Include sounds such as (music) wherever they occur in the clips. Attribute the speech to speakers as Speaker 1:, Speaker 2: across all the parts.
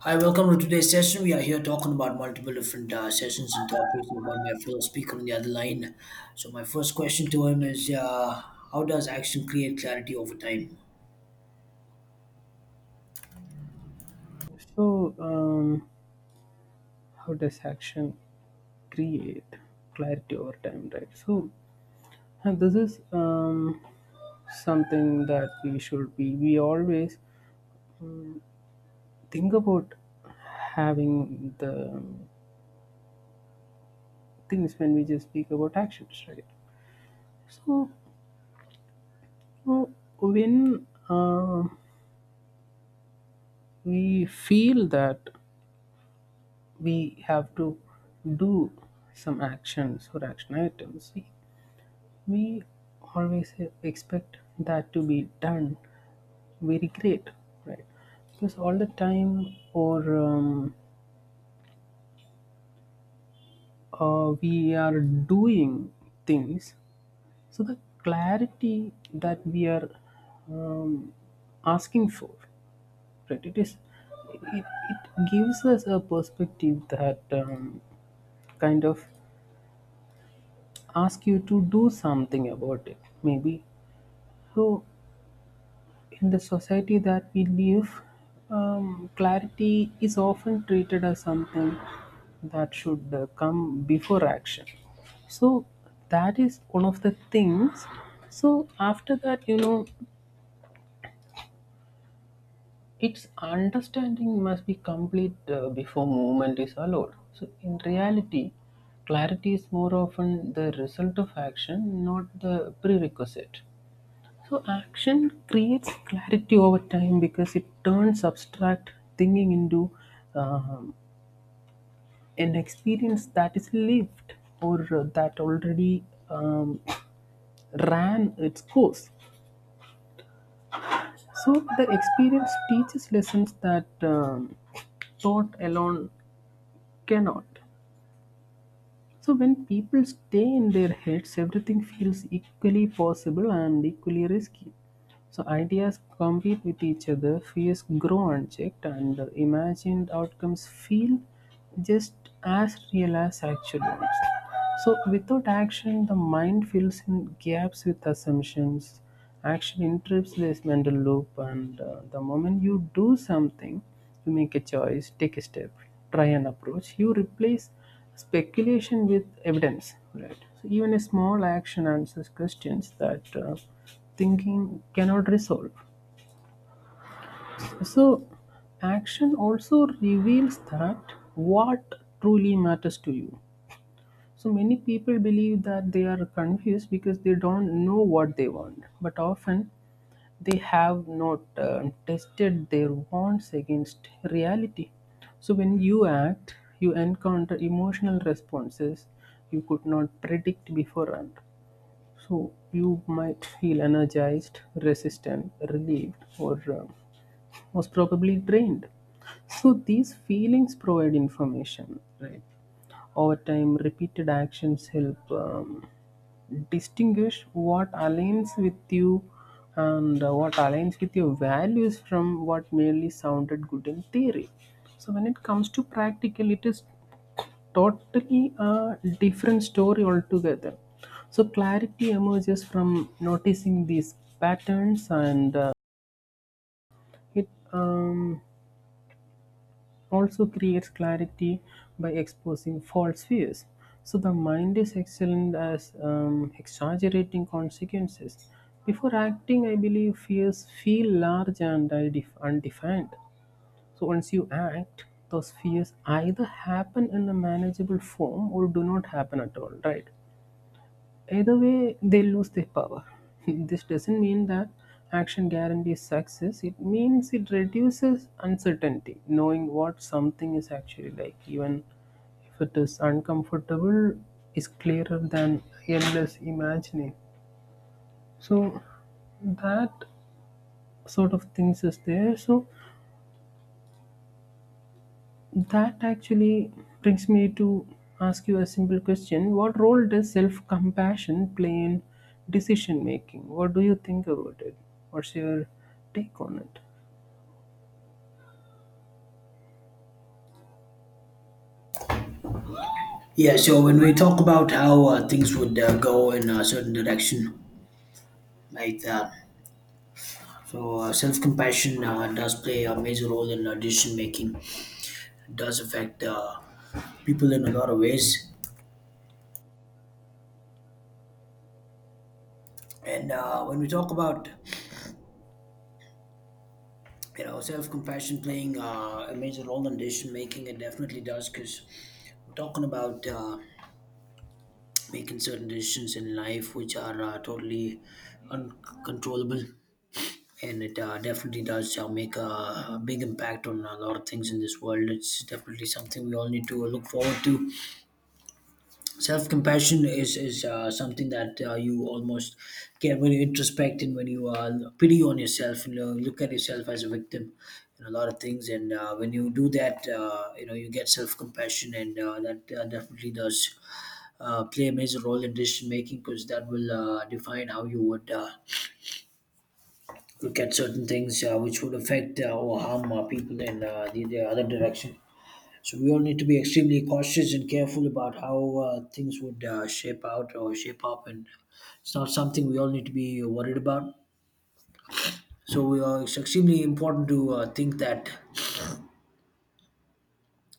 Speaker 1: Hi, welcome to today's session. We are here talking about multiple different sessions and topics and about my fellow speaker on the other line. So, my first question to him is how does action create clarity over time?
Speaker 2: So, um, how does action create clarity over time, right? And this is something that we should be. We always think about having the things when we just speak about actions, right? So, so when we feel that we have to do some actions or action items, we always expect that to be done very great, right? Because all the time or we are doing things. So the clarity that we are um, asking for, right, it, it gives us a perspective that kind of ask you to do something about it maybe. So in the society that we live, clarity is often treated as something that should come before action. So that is one of the things. So after that, its understanding must be complete before movement is allowed. So in reality, clarity is more often the result of action, not the prerequisite. So action creates clarity over time because it turns abstract thinking into um, an experience that is lived or that already um, ran its course. So the experience teaches lessons that thought alone cannot. So when people stay in their heads, everything feels equally possible and equally risky. So ideas compete with each other, fears grow unchecked, and the imagined outcomes feel just as real as actual ones. So without action, the mind fills in gaps with assumptions. Action interrupts this mental loop, and the moment you do something, you make a choice, take a step, try an approach, you replace speculation with evidence, right? So even a small action answers questions that thinking cannot resolve. So, action also reveals that what truly matters to you. So, many people believe that they are confused because they don't know what they want, but often they have not tested their bonds against reality. So when you act, you encounter emotional responses you could not predict beforehand. So you might feel energized, resistant, relieved, or most probably drained. So these feelings provide information, right? Over time, repeated actions help. Distinguish what aligns with you and what aligns with your values from what merely sounded good in theory. So, when it comes to practical, it is totally a different story altogether. So, clarity emerges from noticing these patterns, and it also creates clarity by exposing false fears. So the mind is excellent as exaggerating consequences. Before acting, I believe fears feel large and undefined. So once you act, those fears either happen in a manageable form or do not happen at all, right? Either way, they lose their power. (laughs) This doesn't mean that action guarantees success, it means it reduces uncertainty. Knowing what something is actually like, even if it is uncomfortable, is clearer than endless imagining. So, that sort of things is there. So, that actually brings me to ask you a simple question. What role does self compassion play in decision making? What do you think about it? What's your take on it?
Speaker 1: Yeah, so when we talk about how things would go in a certain direction, like that. So, self compassion does play a major role in decision making. It does affect people in a lot of ways. And when we talk about you know, self-compassion playing a major role in decision making. It definitely does because we're talking about making certain decisions in life which are totally uncontrollable, and it definitely does make a big impact on a lot of things in this world. It's definitely something we all need to look forward to. Self compassion is something that you almost get when you introspect and when you pity on yourself and look at yourself as a victim in a lot of things, and when you do that you know you get self compassion, and that definitely does play a major role in decision making, because that will define how you would look at certain things which would affect or harm people in the other direction. So we all need to be extremely cautious and careful about how things would shape out or shape up, and it's not something we all need to be worried about. So we are, it's extremely important to think that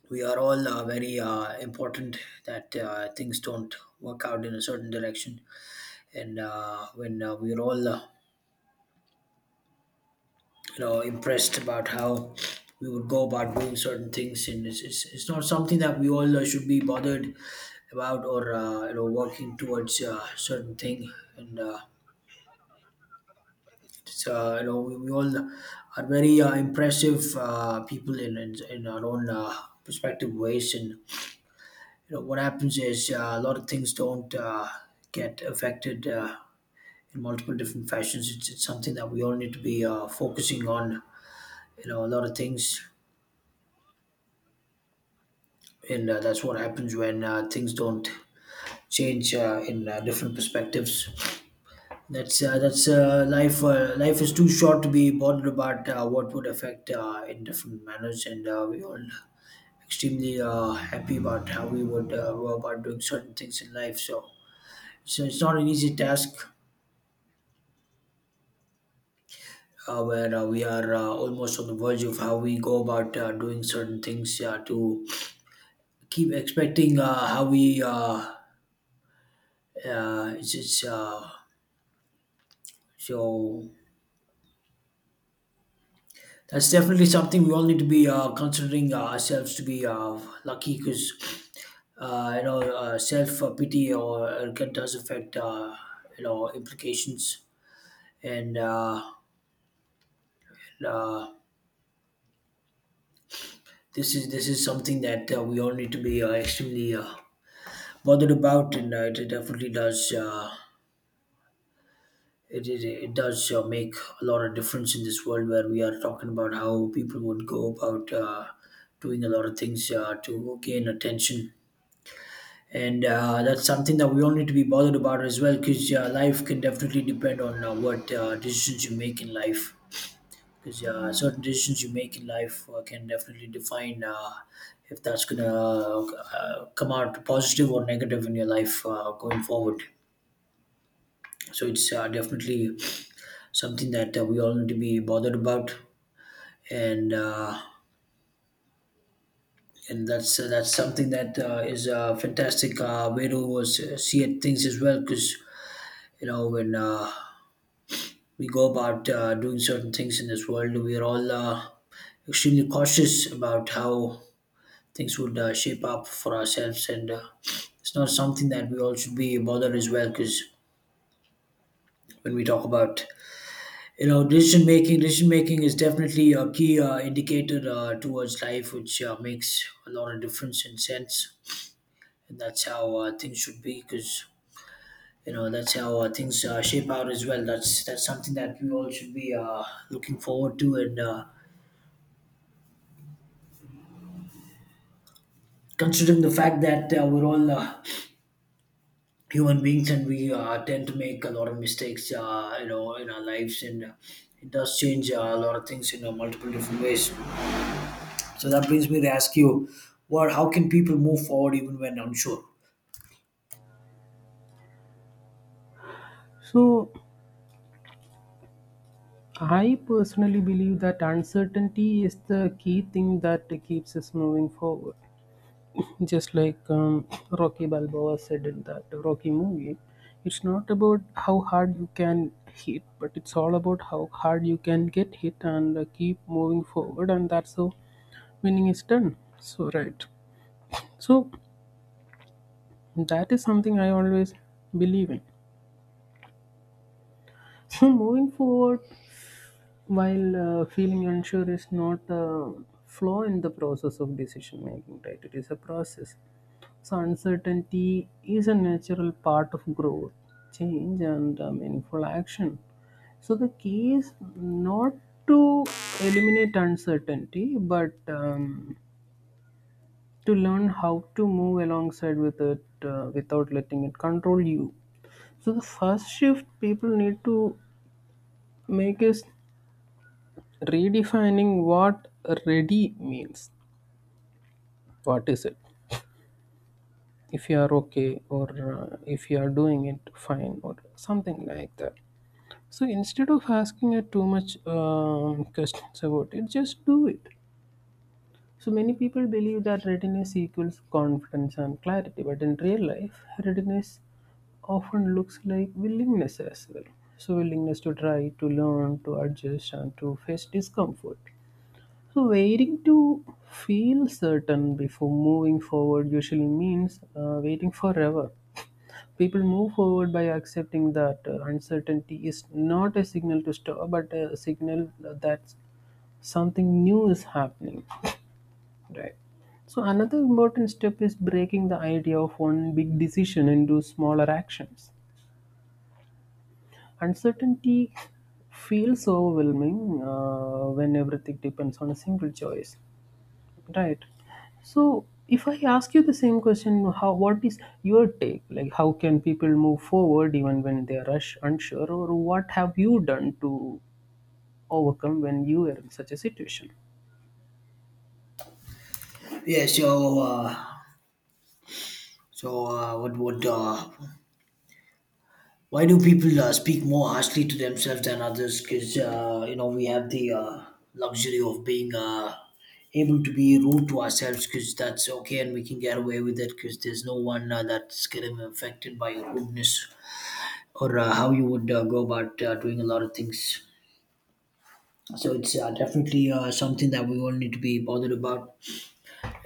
Speaker 1: we are all very important. That things don't work out in a certain direction, and when we are all you know impressed about how we would go about doing certain things, and it's not something that we all should be bothered about, or you know working towards a certain thing, and it's you know we all are very impressive people in our own perspective ways, and you know what happens is a lot of things don't get affected in multiple different fashions. It's something that we all need to be focusing on, you know, a lot of things, and that's what happens when things don't change in different perspectives. That's life. Life is too short to be bothered about what would affect in different manners, and we all extremely happy about how we would go about doing certain things in life. So it's not an easy task. Where we are almost on the verge of how we go about doing certain things to keep expecting how we it's so that's definitely something we all need to be considering ourselves to be lucky, because you know self pity or it does affect you know implications, and, uh, and, uh, this is something that we all need to be extremely bothered about, and it it definitely does it does make a lot of difference in this world, where we are talking about how people would go about doing a lot of things to gain attention, and that's something that we all need to be bothered about as well, because life can definitely depend on what decisions you make in life, because certain decisions you make in life can definitely define if that's going to come out positive or negative in your life going forward. So it's definitely something that we all need to be bothered about, and uh, and that's something that is a fantastic way to see it, things as well, because you know when we go about doing certain things in this world. We are all extremely cautious about how things would shape up for ourselves, and it's not something that we all should be bothered as well. Because when we talk about you know decision making is definitely a key indicator towards life, which makes a lot of difference and sense. And that's how things should be, because you know that's how things shape out as well. That's something that we all should be looking forward to, and. Considering the fact that we're all human beings and we tend to make a lot of mistakes you know in our lives, and it does change a lot of things in multiple different ways. So that brings me to ask you what, how can people move forward even when unsure?
Speaker 2: So, I personally believe that uncertainty is the key thing that keeps us moving forward. Just like Rocky Balboa said in that Rocky movie, it's not about how hard you can hit, but it's all about how hard you can get hit and keep moving forward, and that's how winning is done. So, right. So, that is something I always believe in. So, moving forward, while feeling unsure is not a flaw in the process of decision making, right? It is a process. So uncertainty is a natural part of growth, change, and meaningful action. So the key is not to eliminate uncertainty, but to learn how to move alongside with it without letting it control you. So the first shift people need to make is redefining what ready means. What is it? If you are okay, or if you are doing it fine or something like that. So instead of asking it too much questions about it, just do it. So many people believe that readiness equals confidence and clarity, but in real life readiness often looks like willingness as well. So willingness to try, to learn, to adjust, and to face discomfort. So waiting to feel certain before moving forward usually means waiting forever. People move forward by accepting that uncertainty is not a signal to stop, but a signal that something new is happening. Right. So another important step is breaking the idea of one big decision into smaller actions. Uncertainty feels overwhelming when everything depends on a single choice. Right. So if I ask you the same question, how, what is your take? Like how can people move forward even when they are rush, unsure, or what have you done to overcome when you are in such a situation?
Speaker 1: Yeah so so what would Why do people speak more harshly to themselves than others? Because you know we have the luxury of being able to be rude to ourselves, because that's okay and we can get away with it, because there's no one that's getting affected by your rudeness or how you would go about doing a lot of things. So it's definitely something that we all need to be bothered about,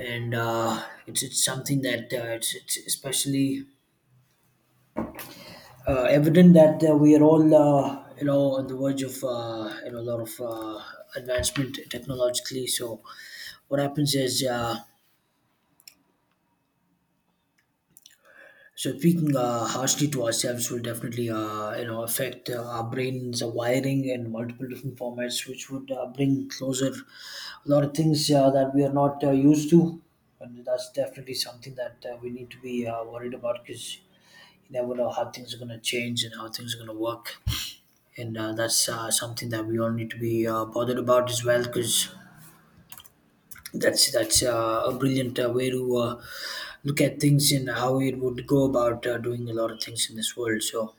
Speaker 1: and it's something that it's especially evident that we are all you know on the verge of you know a lot of advancement technologically. So what happens is so speaking harshly to ourselves will definitely you know affect our brains, our wiring in multiple different formats, which would bring closer a lot of things that we are not used to, and that's definitely something that we need to be worried about, because you never know how things are going to change and how things are going to work. And that's something that we all need to be bothered about as well, because that's a brilliant way to look at things and how it would go about doing a lot of things in this world. So,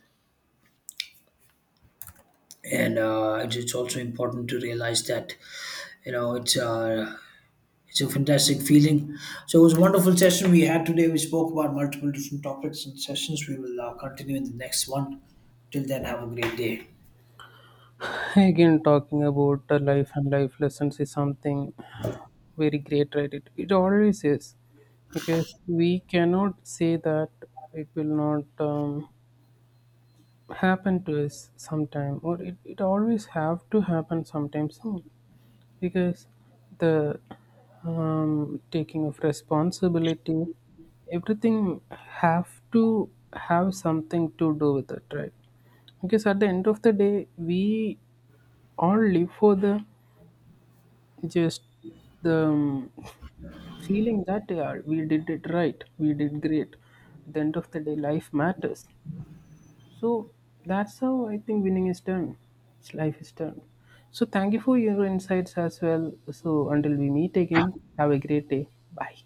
Speaker 1: and it's also important to realize that you know it's a fantastic feeling. So it was a wonderful session we had today. We spoke about multiple different topics and sessions. We will continue in the next one. Till then, have a great day.
Speaker 2: Again, talking about the life and life lessons is something very great, right? It always is, because we cannot say that it will not happen to us sometime, or it always have to happen sometime soon, because the taking of responsibility, everything have to have something to do with it, right? Because at the end of the day, we all live for the just the feeling that, yeah, we did it right, we did great. At the end of the day, life matters. So that's how I think winning is done. It's life is done. So thank you for your insights as well. So until we meet again, have a great day. Bye.